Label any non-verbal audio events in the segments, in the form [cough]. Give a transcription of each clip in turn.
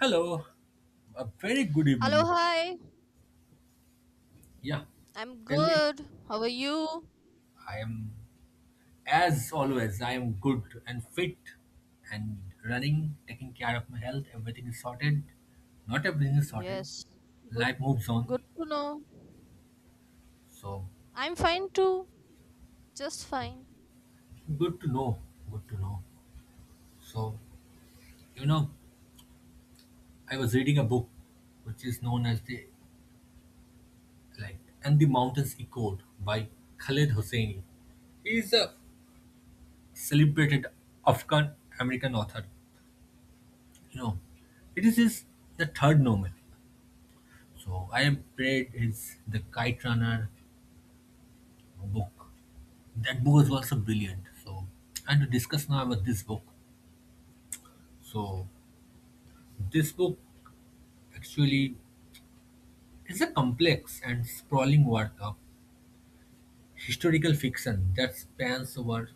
Hello, a very good Hello, evening. hi. Yeah, I'm tell me. good. How are you? I am, as always, I am good and fit and running, taking care of my health. Everything is sorted. Not everything is sorted. Yes. Good Life moves on. good to know. So, I'm fine too. Just fine. good to know. Good to know. So, you know, I was reading a book which is known as like, And the Mountains Echoed by Khaled Hosseini. He is a celebrated Afghan American author, you know, it is his the third novel. So I have read his The Kite Runner book. That book was also brilliant. So and to discuss now about this book. So this book actually is a complex and sprawling work of historical fiction that spans over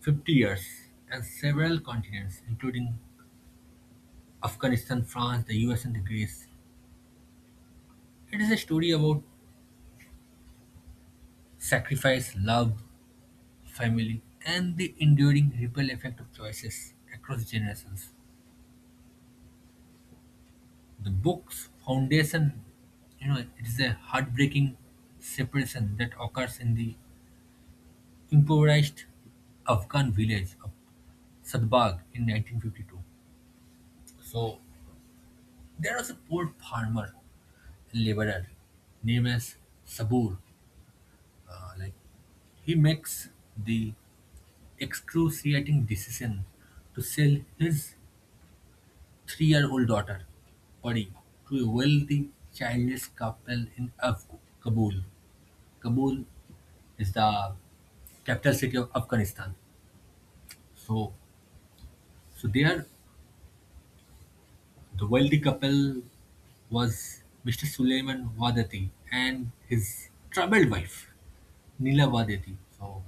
50 years and several continents, including Afghanistan, France, the US, and the Greece. It is a story about sacrifice, love, family, and the enduring ripple effect of choices across generations. The book's foundation, it is a heartbreaking separation that occurs in the impoverished Afghan village of Sadbagh in 1952. So there was a poor farmer and laborer named as Sabur. Uh, like he makes the excruciating decision to sell his 3-year-old daughter, Pari, to a wealthy, childless couple in Kabul. Kabul is the capital city of Afghanistan. So, so there, the wealthy couple was Mr. Suleiman Wadati and his troubled wife, Nila Wadati. So,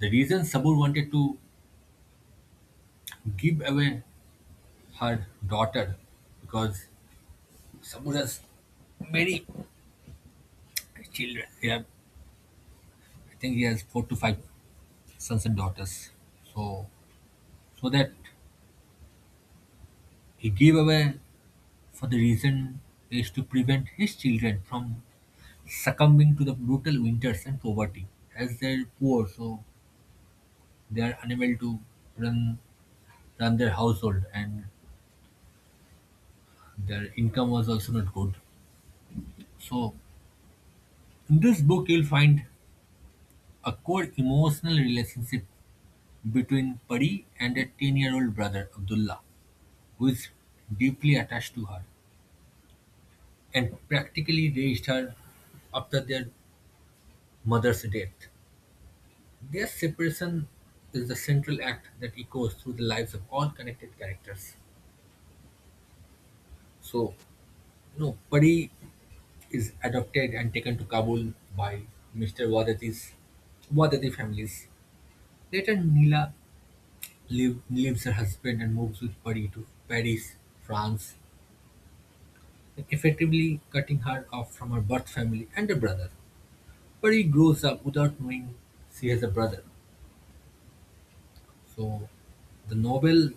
the reason Sabur wanted to give away her daughter because Sabur has very, yeah, I think he has four to five sons and daughters. So, so that he gave away for the reason is to prevent his children from succumbing to the brutal winters and poverty. As they're poor, so they are unable to run run their household, and their income was also not good. So, in this book, you'll find a core emotional relationship between Pari and a 10-year-old brother Abdullah, who is deeply attached to her, and practically raised her after their mother's death. Their separation is the central act that echoes through the lives of all connected characters. So, you know, Pari is adopted and taken to Kabul by Mr. Wadati families. Later, Nila leaves her husband and moves with Pari to Paris, France, effectively cutting her off from her birth family and a brother. Pari grows up without knowing she has a brother. So the novel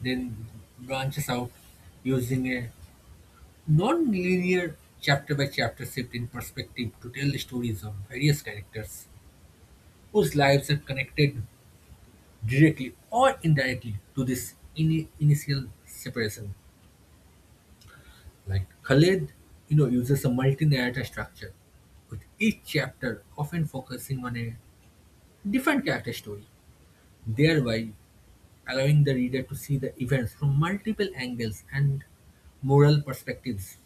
then branches out using a non-linear chapter by chapter shift in perspective to tell the stories of various characters whose lives are connected directly or indirectly to this initial separation. Like Khaled, you know, uses a multi narrator structure with each chapter often focusing on a different character story, thereby allowing the reader to see the events from multiple angles and moral perspectives.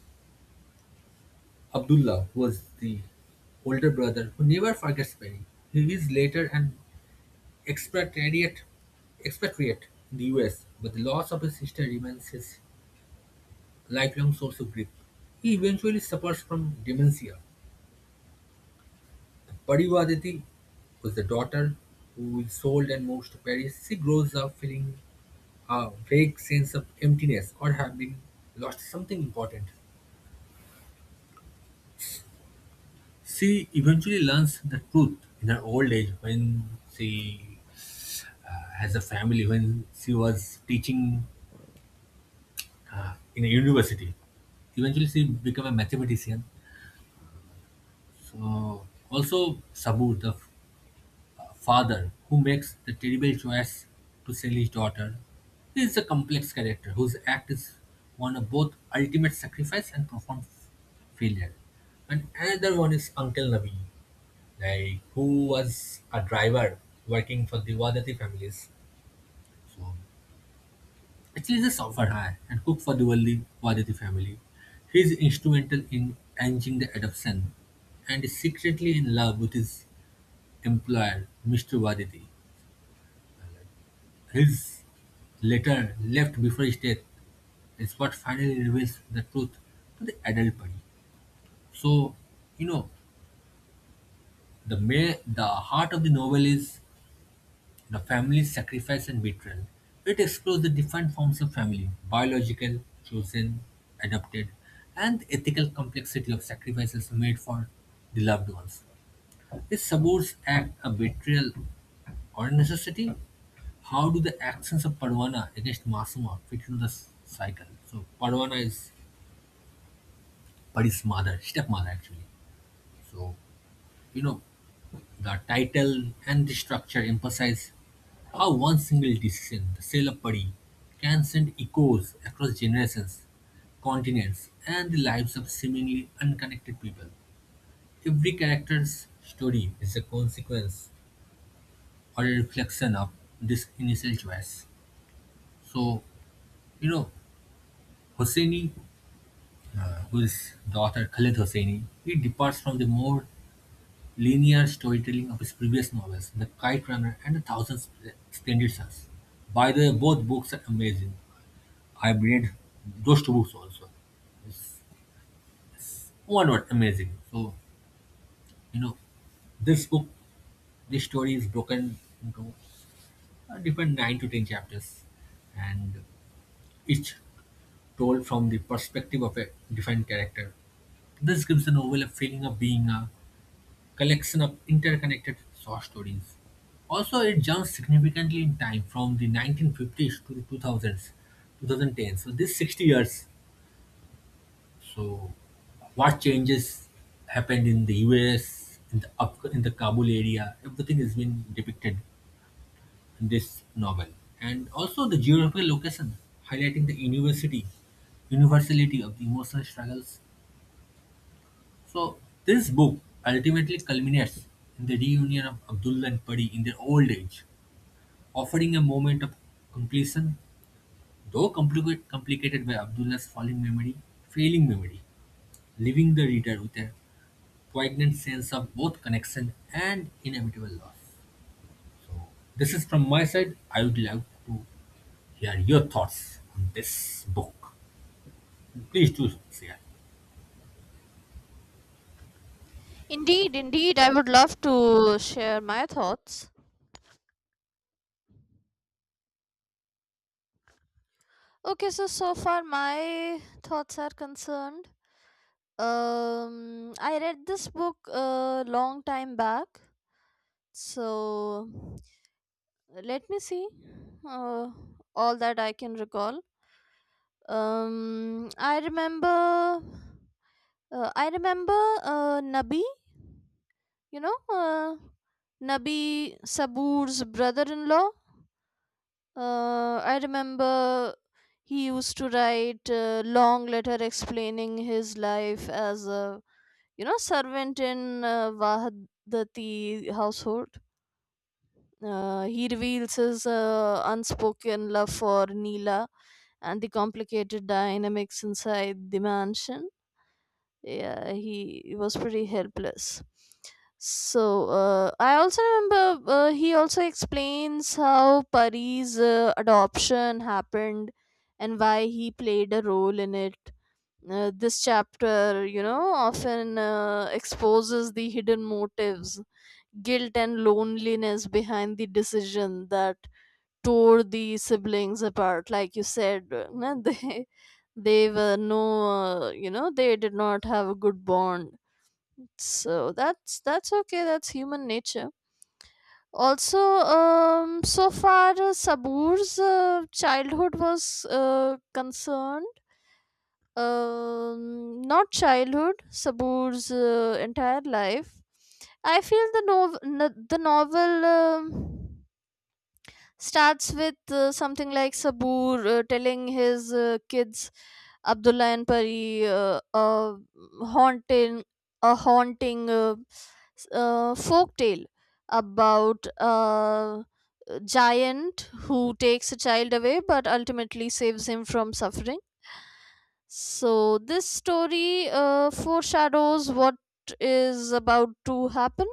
Abdullah was the older brother who never forgets Perry. He is later an expatriate, expatriate in the US, but the loss of his sister remains his lifelong source of grief. He eventually suffers from dementia. Padivaditi was the daughter who is sold and moved to Paris. She grows up feeling a vague sense of emptiness or having lost something important. She eventually learns the truth in her old age when she has a family, when she was teaching in a university. Eventually, she became a mathematician. So, also Sabur, the father who makes the terrible choice to sell his daughter. He is a complex character whose act is one of both ultimate sacrifice and profound failure. And another one is Uncle Nabi, who was a driver working for the Wadati families. So actually, he's a software hire and cook for the wealthy Wadati family. He is instrumental in arranging the adoption and is secretly in love with his employer, Mr. Waditi. His letter left before his death is what finally reveals the truth to the adult Pari. So, you know, the the heart of the novel is the family's sacrifice and betrayal. It explores the different forms of family: biological, chosen, adopted, and the ethical complexity of sacrifices made for the loved ones. It subverts act a betrayal or necessity? How do the actions of Parvana against Masuma fit into the cycle? So Parvana is Pari's mother, stepmother actually. So you know the title and the structure emphasize how one single decision, the sale of Pari, can send echoes across generations, continents, and the lives of seemingly unconnected people. Every character's story is a consequence or a reflection of this initial choice. So, you know, Hosseini, who is the author Khaled Hosseini, he departs from the more linear storytelling of his previous novels, The Kite Runner and A Thousand Splendid Suns. By the way, both books are amazing. I've read those two books also. It's one word, amazing. So, you know, this book, this story is broken into a different 9 to 10 chapters and each told from the perspective of a different character. This gives the novel a feeling of being a collection of interconnected short stories. Also, it jumps significantly in time from the 1950s to the 2000s, 2010. So, this 60 years. So, what changes happened in the US, up in the Kabul area, everything has been depicted in this novel. And also the geographical location, highlighting the universality of the emotional struggles. So this book ultimately culminates in the reunion of Abdullah and Pari in their old age, offering a moment of completion, though complicated by Abdullah's failing memory, leaving the reader with a poignant sense of both connection and inevitable loss. So this is from my side. I would love to hear your thoughts on this book. Please do share. Indeed, indeed. I would love to share my thoughts. Okay, so far my thoughts are concerned. I read this book a long time back. So let me see uh, all that I can recall. Um I remember I remember Nabi, you know, uh, Nabi Sabur's brother in law. I remember he used to write a long letter explaining his life as a servant in Vahadati household. He reveals his unspoken love for Neela and the complicated dynamics inside the mansion. Yeah, he was pretty helpless. So, I also remember. He also explains how Pari's adoption happened and why he played a role in it. This chapter, often exposes the hidden motives, guilt, and loneliness behind the decision that tore the siblings apart, like you said. [laughs] They were no. They did not have a good bond. So that's okay, that's human nature also. So far Sabur's childhood was concerned. Not childhood, Sabur's entire life. I feel the the novel starts with something like Sabur telling his kids Abdullah and Pari a haunting haunting folk tale about a giant who takes a child away but ultimately saves him from suffering. So this story foreshadows what is about to happen,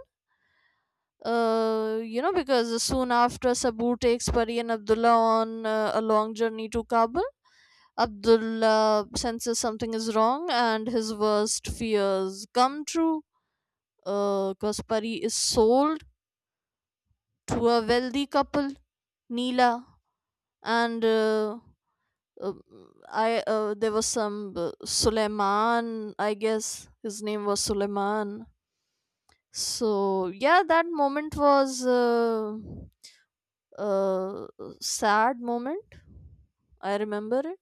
because soon after Sabur takes Pari and Abdullah on a long journey to Kabul, Abdullah senses something is wrong and his worst fears come true. Because Pari is sold to a wealthy couple, Neela, and uh, I there was some Suleiman. I guess his name was Suleiman. So yeah, that moment was. Uh, Sad moment. I remember it.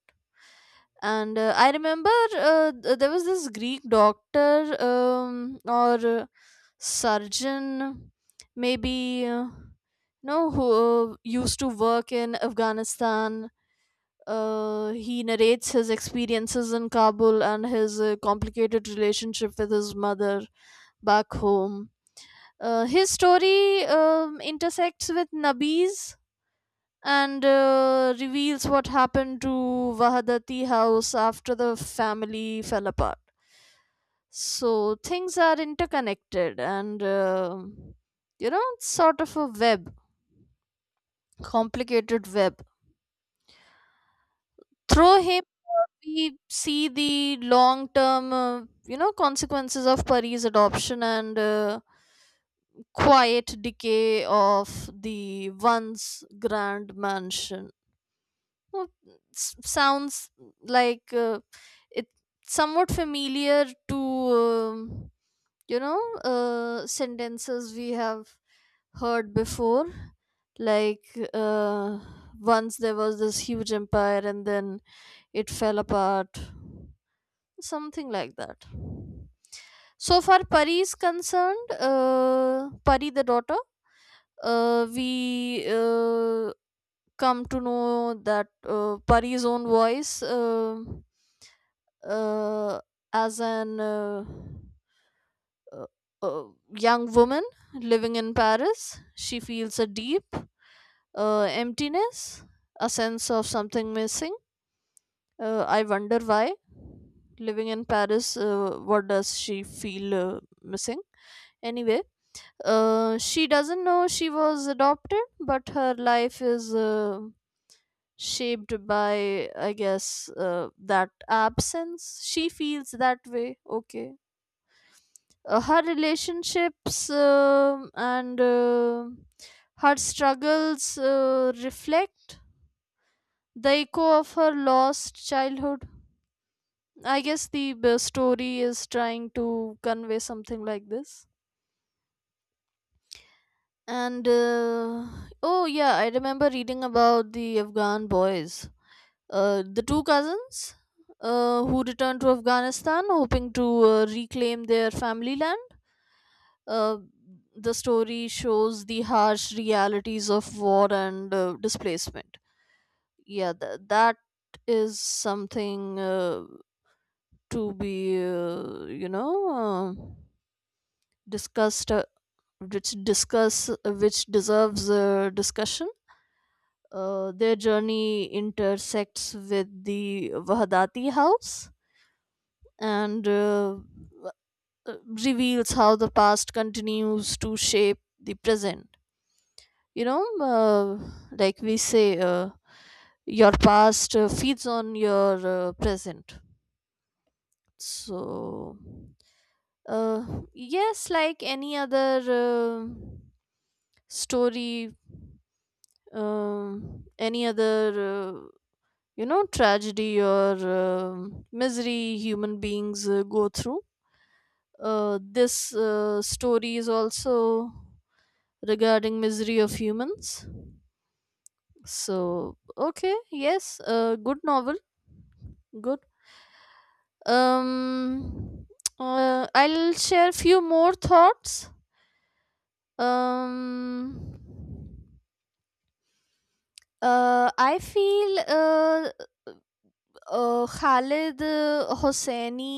And I remember, there was this Greek doctor, or surgeon, maybe, no, who used to work in Afghanistan. He narrates his experiences in Kabul and his complicated relationship with his mother back home. His story intersects with Nabi's and reveals what happened to Vahadati house after the family fell apart. So things are interconnected, and it's sort of a web, complicated web. Through him, we see the long term, consequences of Pari's adoption and quiet decay of the once grand mansion. Oh, sounds like, it's somewhat familiar to, sentences we have heard before, like, uh, once there was this huge empire and then it fell apart, something like that. So far Pari is concerned, Pari the daughter, we come to know that Pari's own voice, uh, as an uh, uh, young woman living in Paris. She feels a deep emptiness, a sense of something missing. I wonder why. Living in Paris, what does she feel missing? Anyway, she doesn't know she was adopted, but her life is shaped by, I guess, that absence. She feels that way, okay. Her relationships and her struggles reflect the echo of her lost childhood. I guess the story is trying to convey something like this. And oh yeah, I remember reading about the Afghan boys. The two cousins who returned to Afghanistan hoping to reclaim their family land. Uh, the story shows the harsh realities of war and displacement. Yeah, that is something to be, uh, discussed, which deserves discussion. Their journey intersects with the Wahdati house and, reveals how the past continues to shape the present. You know, like we say, your past feeds on your present. So, yes, like any other story, any other, tragedy or misery human beings go through. This story is also regarding misery of humans. So okay, yes, good novel, good. um I'll share few more thoughts. um I feel, Khalid Hosseini,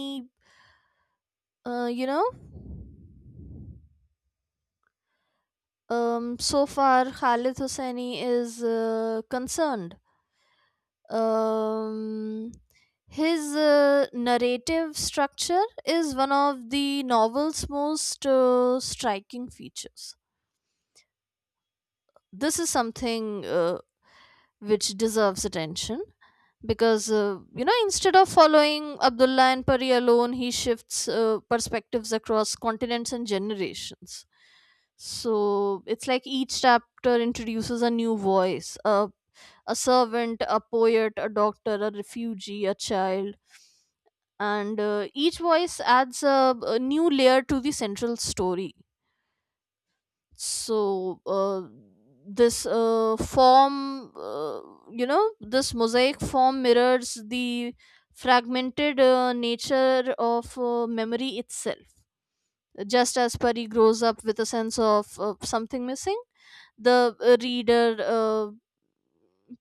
uh, you know so far Khalid Hosseini is concerned, um, his narrative structure is one of the novel's most striking features. This is something which deserves attention because, instead of following Abdullah and Pari alone, he shifts perspectives across continents and generations. So it's like each chapter introduces a new voice: a servant, a poet, a doctor, a refugee, a child, and each voice adds a new layer to the central story. So this form, this mosaic form mirrors the fragmented nature of memory itself. Just as Pari grows up with a sense of something missing, the reader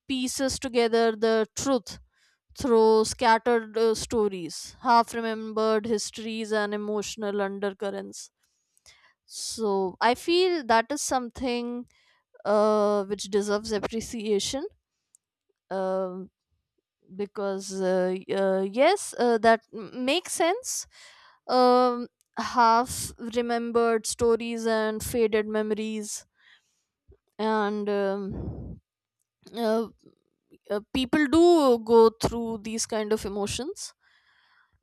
pieces together the truth through scattered stories, half remembered histories, and emotional undercurrents. So I feel that is something which deserves appreciation, um because, yes, that makes sense. Um, Half remembered stories and faded memories, and uh, people do go through these kind of emotions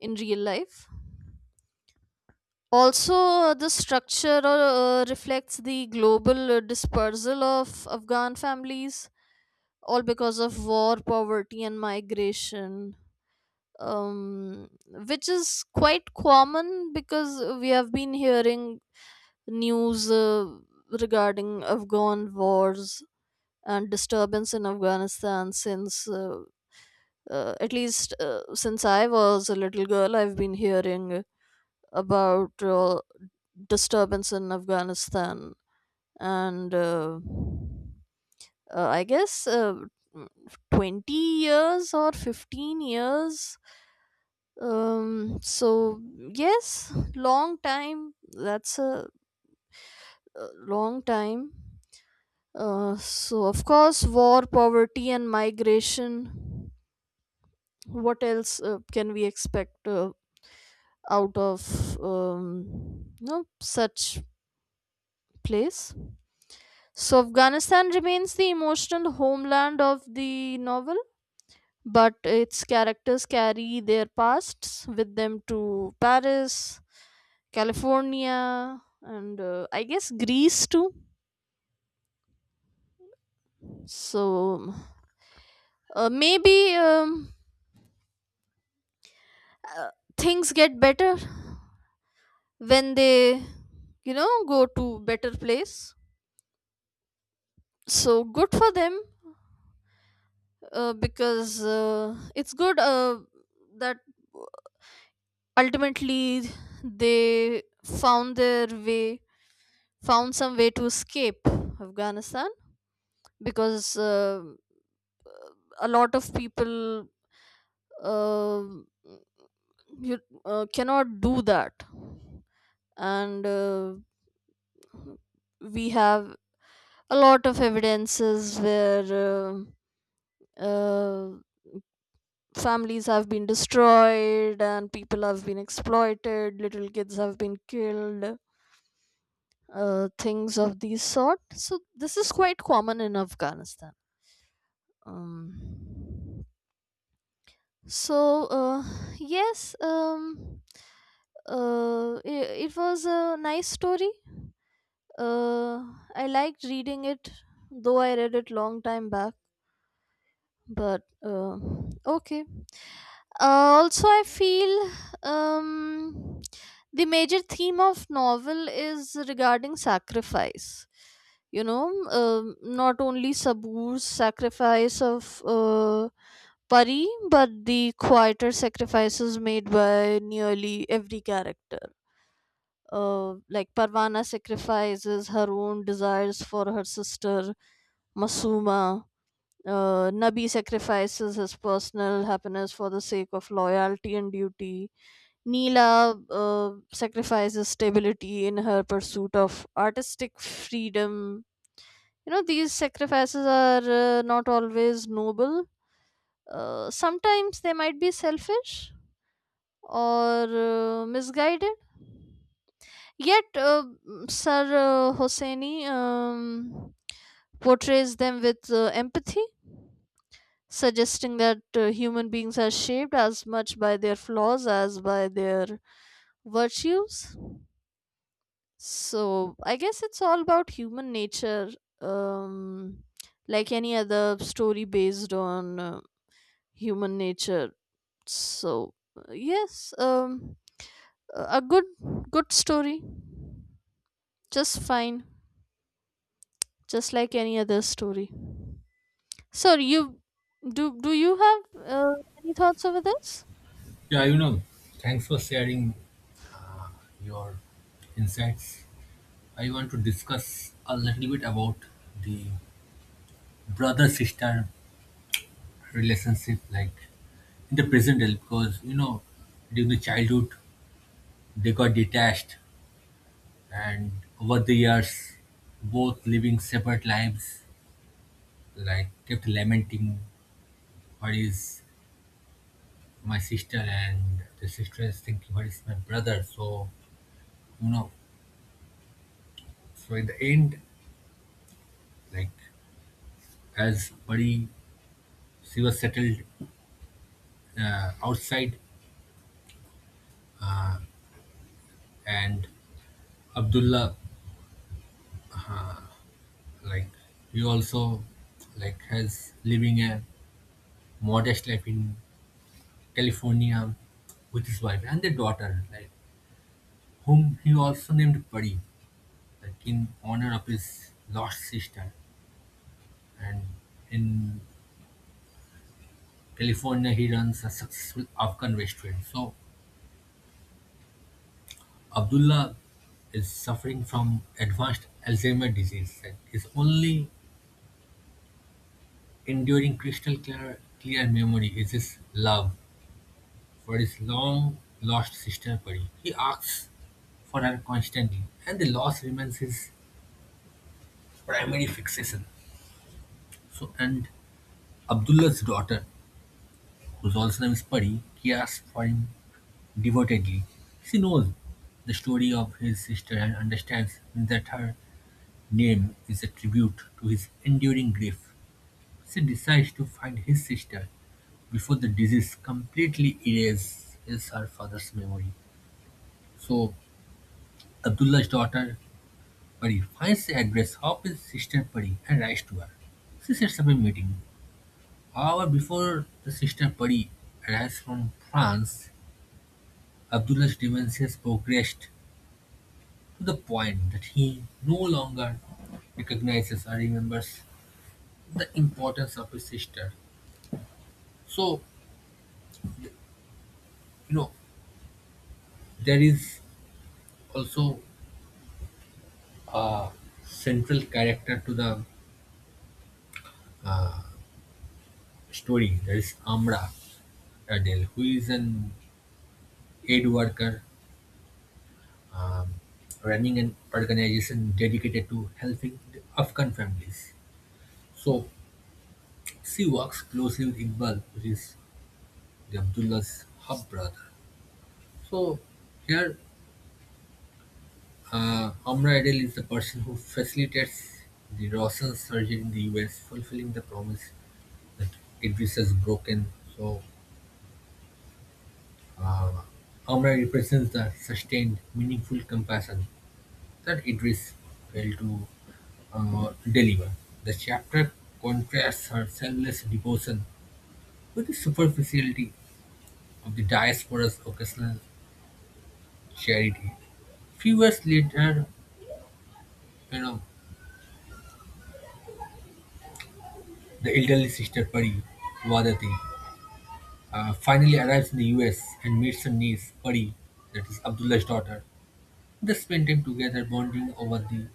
in real life. Also, the structure reflects the global dispersal of Afghan families, all because of war, poverty, and migration, um, which is quite common because we have been hearing news regarding Afghan wars and disturbance in Afghanistan since. At least, since I was a little girl, I've been hearing about disturbance in Afghanistan, and I guess, mm, 20 years or 15 years. So yes, long time, that's a long time. So of course war, poverty, and migration, what else can we expect out of, no such place. So Afghanistan remains the emotional homeland of the novel, but its characters carry their pasts with them to Paris, California, and I guess Greece too. So maybe, uh, things get better when they go to better place. So good for them, because it's good that ultimately they found their way, found some way to escape Afghanistan. Because a lot of people uh, you, cannot do that, and we have a lot of evidences where uh, uh, families have been destroyed and people have been exploited, little kids have been killed, things of these sort. So this is quite common in Afghanistan. um, So, yes, it was a nice story. Uh, I liked reading it, though I read it long time back. But Okay. Also, I feel, um, the major theme of novel is regarding sacrifice, you know. Not only Sabur's sacrifice of Pari, but the quieter sacrifices made by nearly every character. Like Parvana sacrifices her own desires for her sister Masuma. Nabi sacrifices his personal happiness for the sake of loyalty and duty. Neela sacrifices stability in her pursuit of artistic freedom. You know, these sacrifices are not always noble. Sometimes they might be selfish or misguided. Yet, Sir Hosseini portrays them with empathy, suggesting that human beings are shaped as much by their flaws as by their virtues. So I guess it's all about human nature, um, like any other story based on human nature. So, yes, a good story, just fine, just like any other story. So you do do you have uh, any thoughts over this? Yeah, you know, thanks for sharing uh, your insights. I want to discuss a little bit about the brother sister relationship, like in the present day, because during the childhood, they got detached, and over the years, both living separate lives, like kept lamenting what is my sister, and the sister is thinking what is my brother. So, you know, so in the end, like as Pari, she was settled outside, and Abdullah, like he also like has living a modest life in California with his wife and their daughter, like whom he also named Pari, like in honor of his lost sister. And in California, he runs a successful Afghan restaurant. So Abdullah is suffering from advanced Alzheimer's disease. Like his only enduring crystal clear memory is his love for his long-lost sister Pari. He asks for her constantly, and the loss remains his primary fixation. So, and Abdullah's daughter, whose also name is Peri, cares for him devotedly. She knows the story of his sister and understands that her name is a tribute to his enduring grief. She decides to find his sister before the disease completely erases her father's memory. So Abdullah's daughter Harry finds the address of his sister Pari and writes to her. She sets up a meeting. However, before the sister Pari arrives from France, Abdullah's dementia has progressed to the point that he no longer recognizes or remembers the importance of his sister. So, you know, there is also a central character to the story. There is Amra Adele, who is an aid worker um, running an organization dedicated to helping the Afghan families. So she works closely with Iqbal, which is the Abdullah's half brother. So here, Amra Adel is the person who facilitates the Roshan surgery in the US, fulfilling the promise that Idris has broken. So uh, Amra represents the sustained, meaningful compassion that Idris failed to deliver. The chapter contrasts her selfless devotion with the superficiality of the diaspora's occasional charity. Few years later, you know, the elderly sister Pari, Vadati, finally arrives in the US and meets her niece Pari, that is Abdullah's daughter. They spend time together bonding over the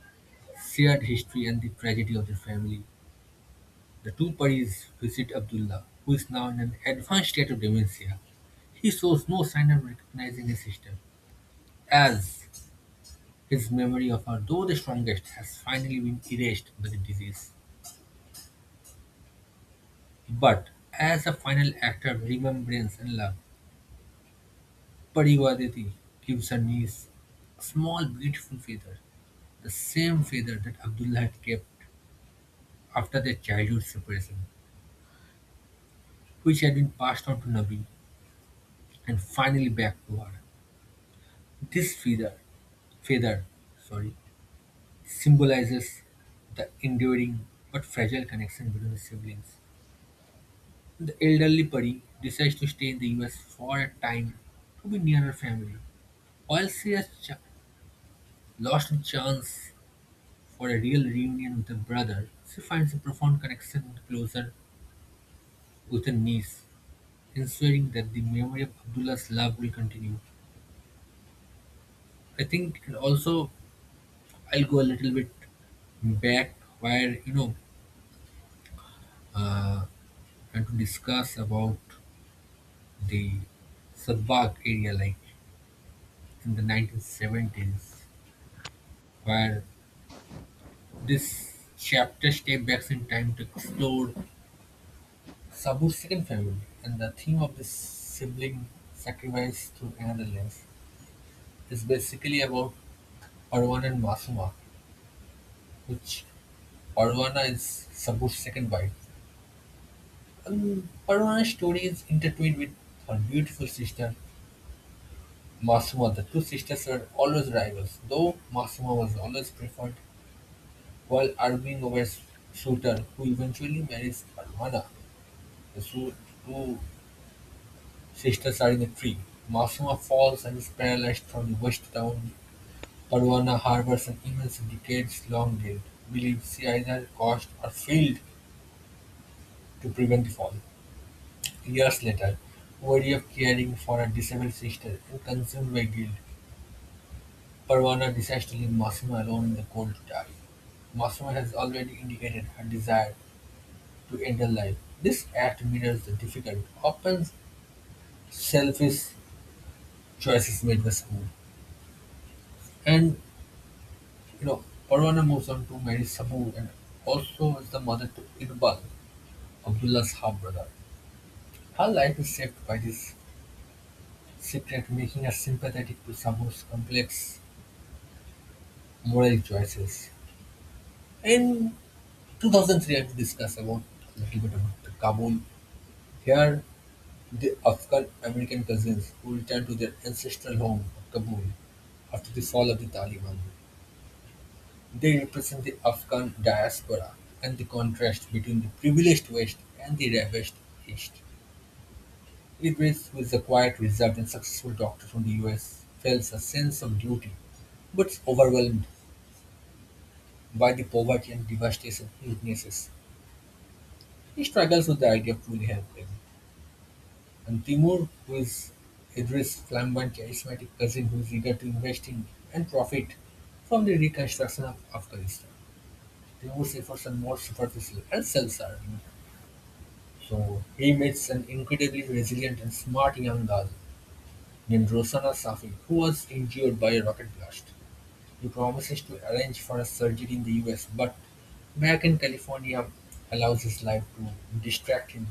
shared history and the tragedy of their family. The two parties visit Abdullah, who is now in an advanced state of dementia. He shows no sign of recognizing his sister, as his memory of her, though the strongest, has finally been erased by the disease. But as a final act of remembrance and love, Pariwadeti gives her niece a small beautiful feather, the same feather that Abdullah had kept after their childhood separation, which had been passed on to Nabi and finally back to her. This feather sorry, symbolizes the enduring but fragile connection between the siblings. The elderly Pari decides to stay in the US for a time to be near her family. While she has lost the chance for a real reunion with her brother, she finds a profound connection and closure with her niece, ensuring that the memory of Abdullah's love will continue. I think it also I'll go a little bit back where uh, and to discuss about the Sudbagh area like in the 1970s, where this chapter step back in time to explore Sabu's second family and the theme of this sibling sacrifice through another lens, is basically about Parwana and Masuma, which Parwana is Sabu's second wife. Parwana's story is intertwined with her beautiful sister Massimo. The two sisters were always rivals, though Massimo was always preferred, while arguing over suitor, who eventually marries Armana. The two sisters are in a tree. Massimo falls and is paralyzed from the waist down. Parwana harbors an immense decades-long guilt, believes she either caused or failed to prevent the fall. Years later, worry of caring for a disabled sister and consumed by guilt, Parvana decides to leave Massimo alone in the cold tub. Massimo has already indicated her desire to end her life. This act mirrors the difficult, often selfish choices made by Sabu. And you know, Parvana moves on to marry Sabu and also is the mother to Iqbal, Abdullah's half brother. Her life is shaped by this secret, making her sympathetic to Sabu's complex moral choices. In 2003, I have to discuss about a little bit about the Kabul. Here, the Afghan-American cousins who returned to their ancestral home of Kabul after the fall of the Taliban. They represent the Afghan diaspora and the contrast between the privileged West and the ravished East. Idris, who is a quiet, reserved, and successful doctor from the US, feels a sense of duty but is overwhelmed by the poverty and devastation he witnesses. He struggles with the idea of truly helping. And Timur, who is Idris' flamboyant, charismatic cousin who is eager to invest in and profit from the reconstruction of Afghanistan. Timur's efforts are more superficial and self-serving. So he meets an incredibly resilient and smart young girl named Rosana Safi, who was injured by a rocket blast. He promises to arrange for a surgery in the US, but back in California allows his life to distract him,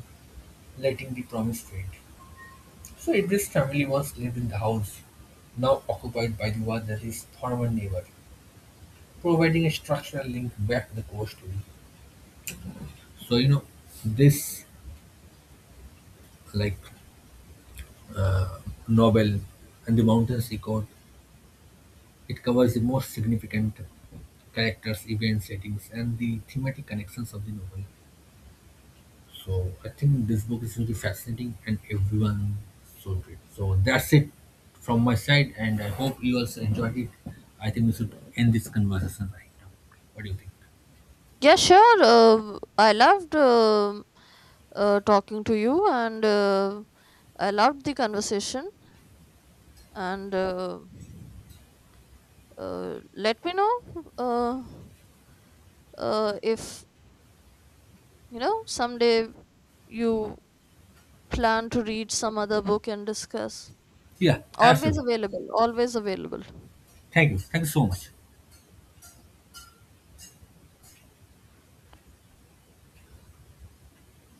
letting the promise fade. So Idris' family once lived in the house now occupied by the Wadaris' former neighbor, providing a structural link back to the core story. So you know this like uh, novel, And the Mountains he caught, it covers the most significant characters, events, settings, and the thematic connections of the novel. So I think this book is really fascinating and everyone should read. So that's it from my side, and I hope you also enjoyed it. I think we should end this conversation right now. What do you think? Yeah, sure. I loved talking to you, and I loved the conversation. And uh, let me know, uh, if you know someday you plan to read some other book and discuss. Yeah, Always absolutely. available. Always available. Thank you. Thank you so much.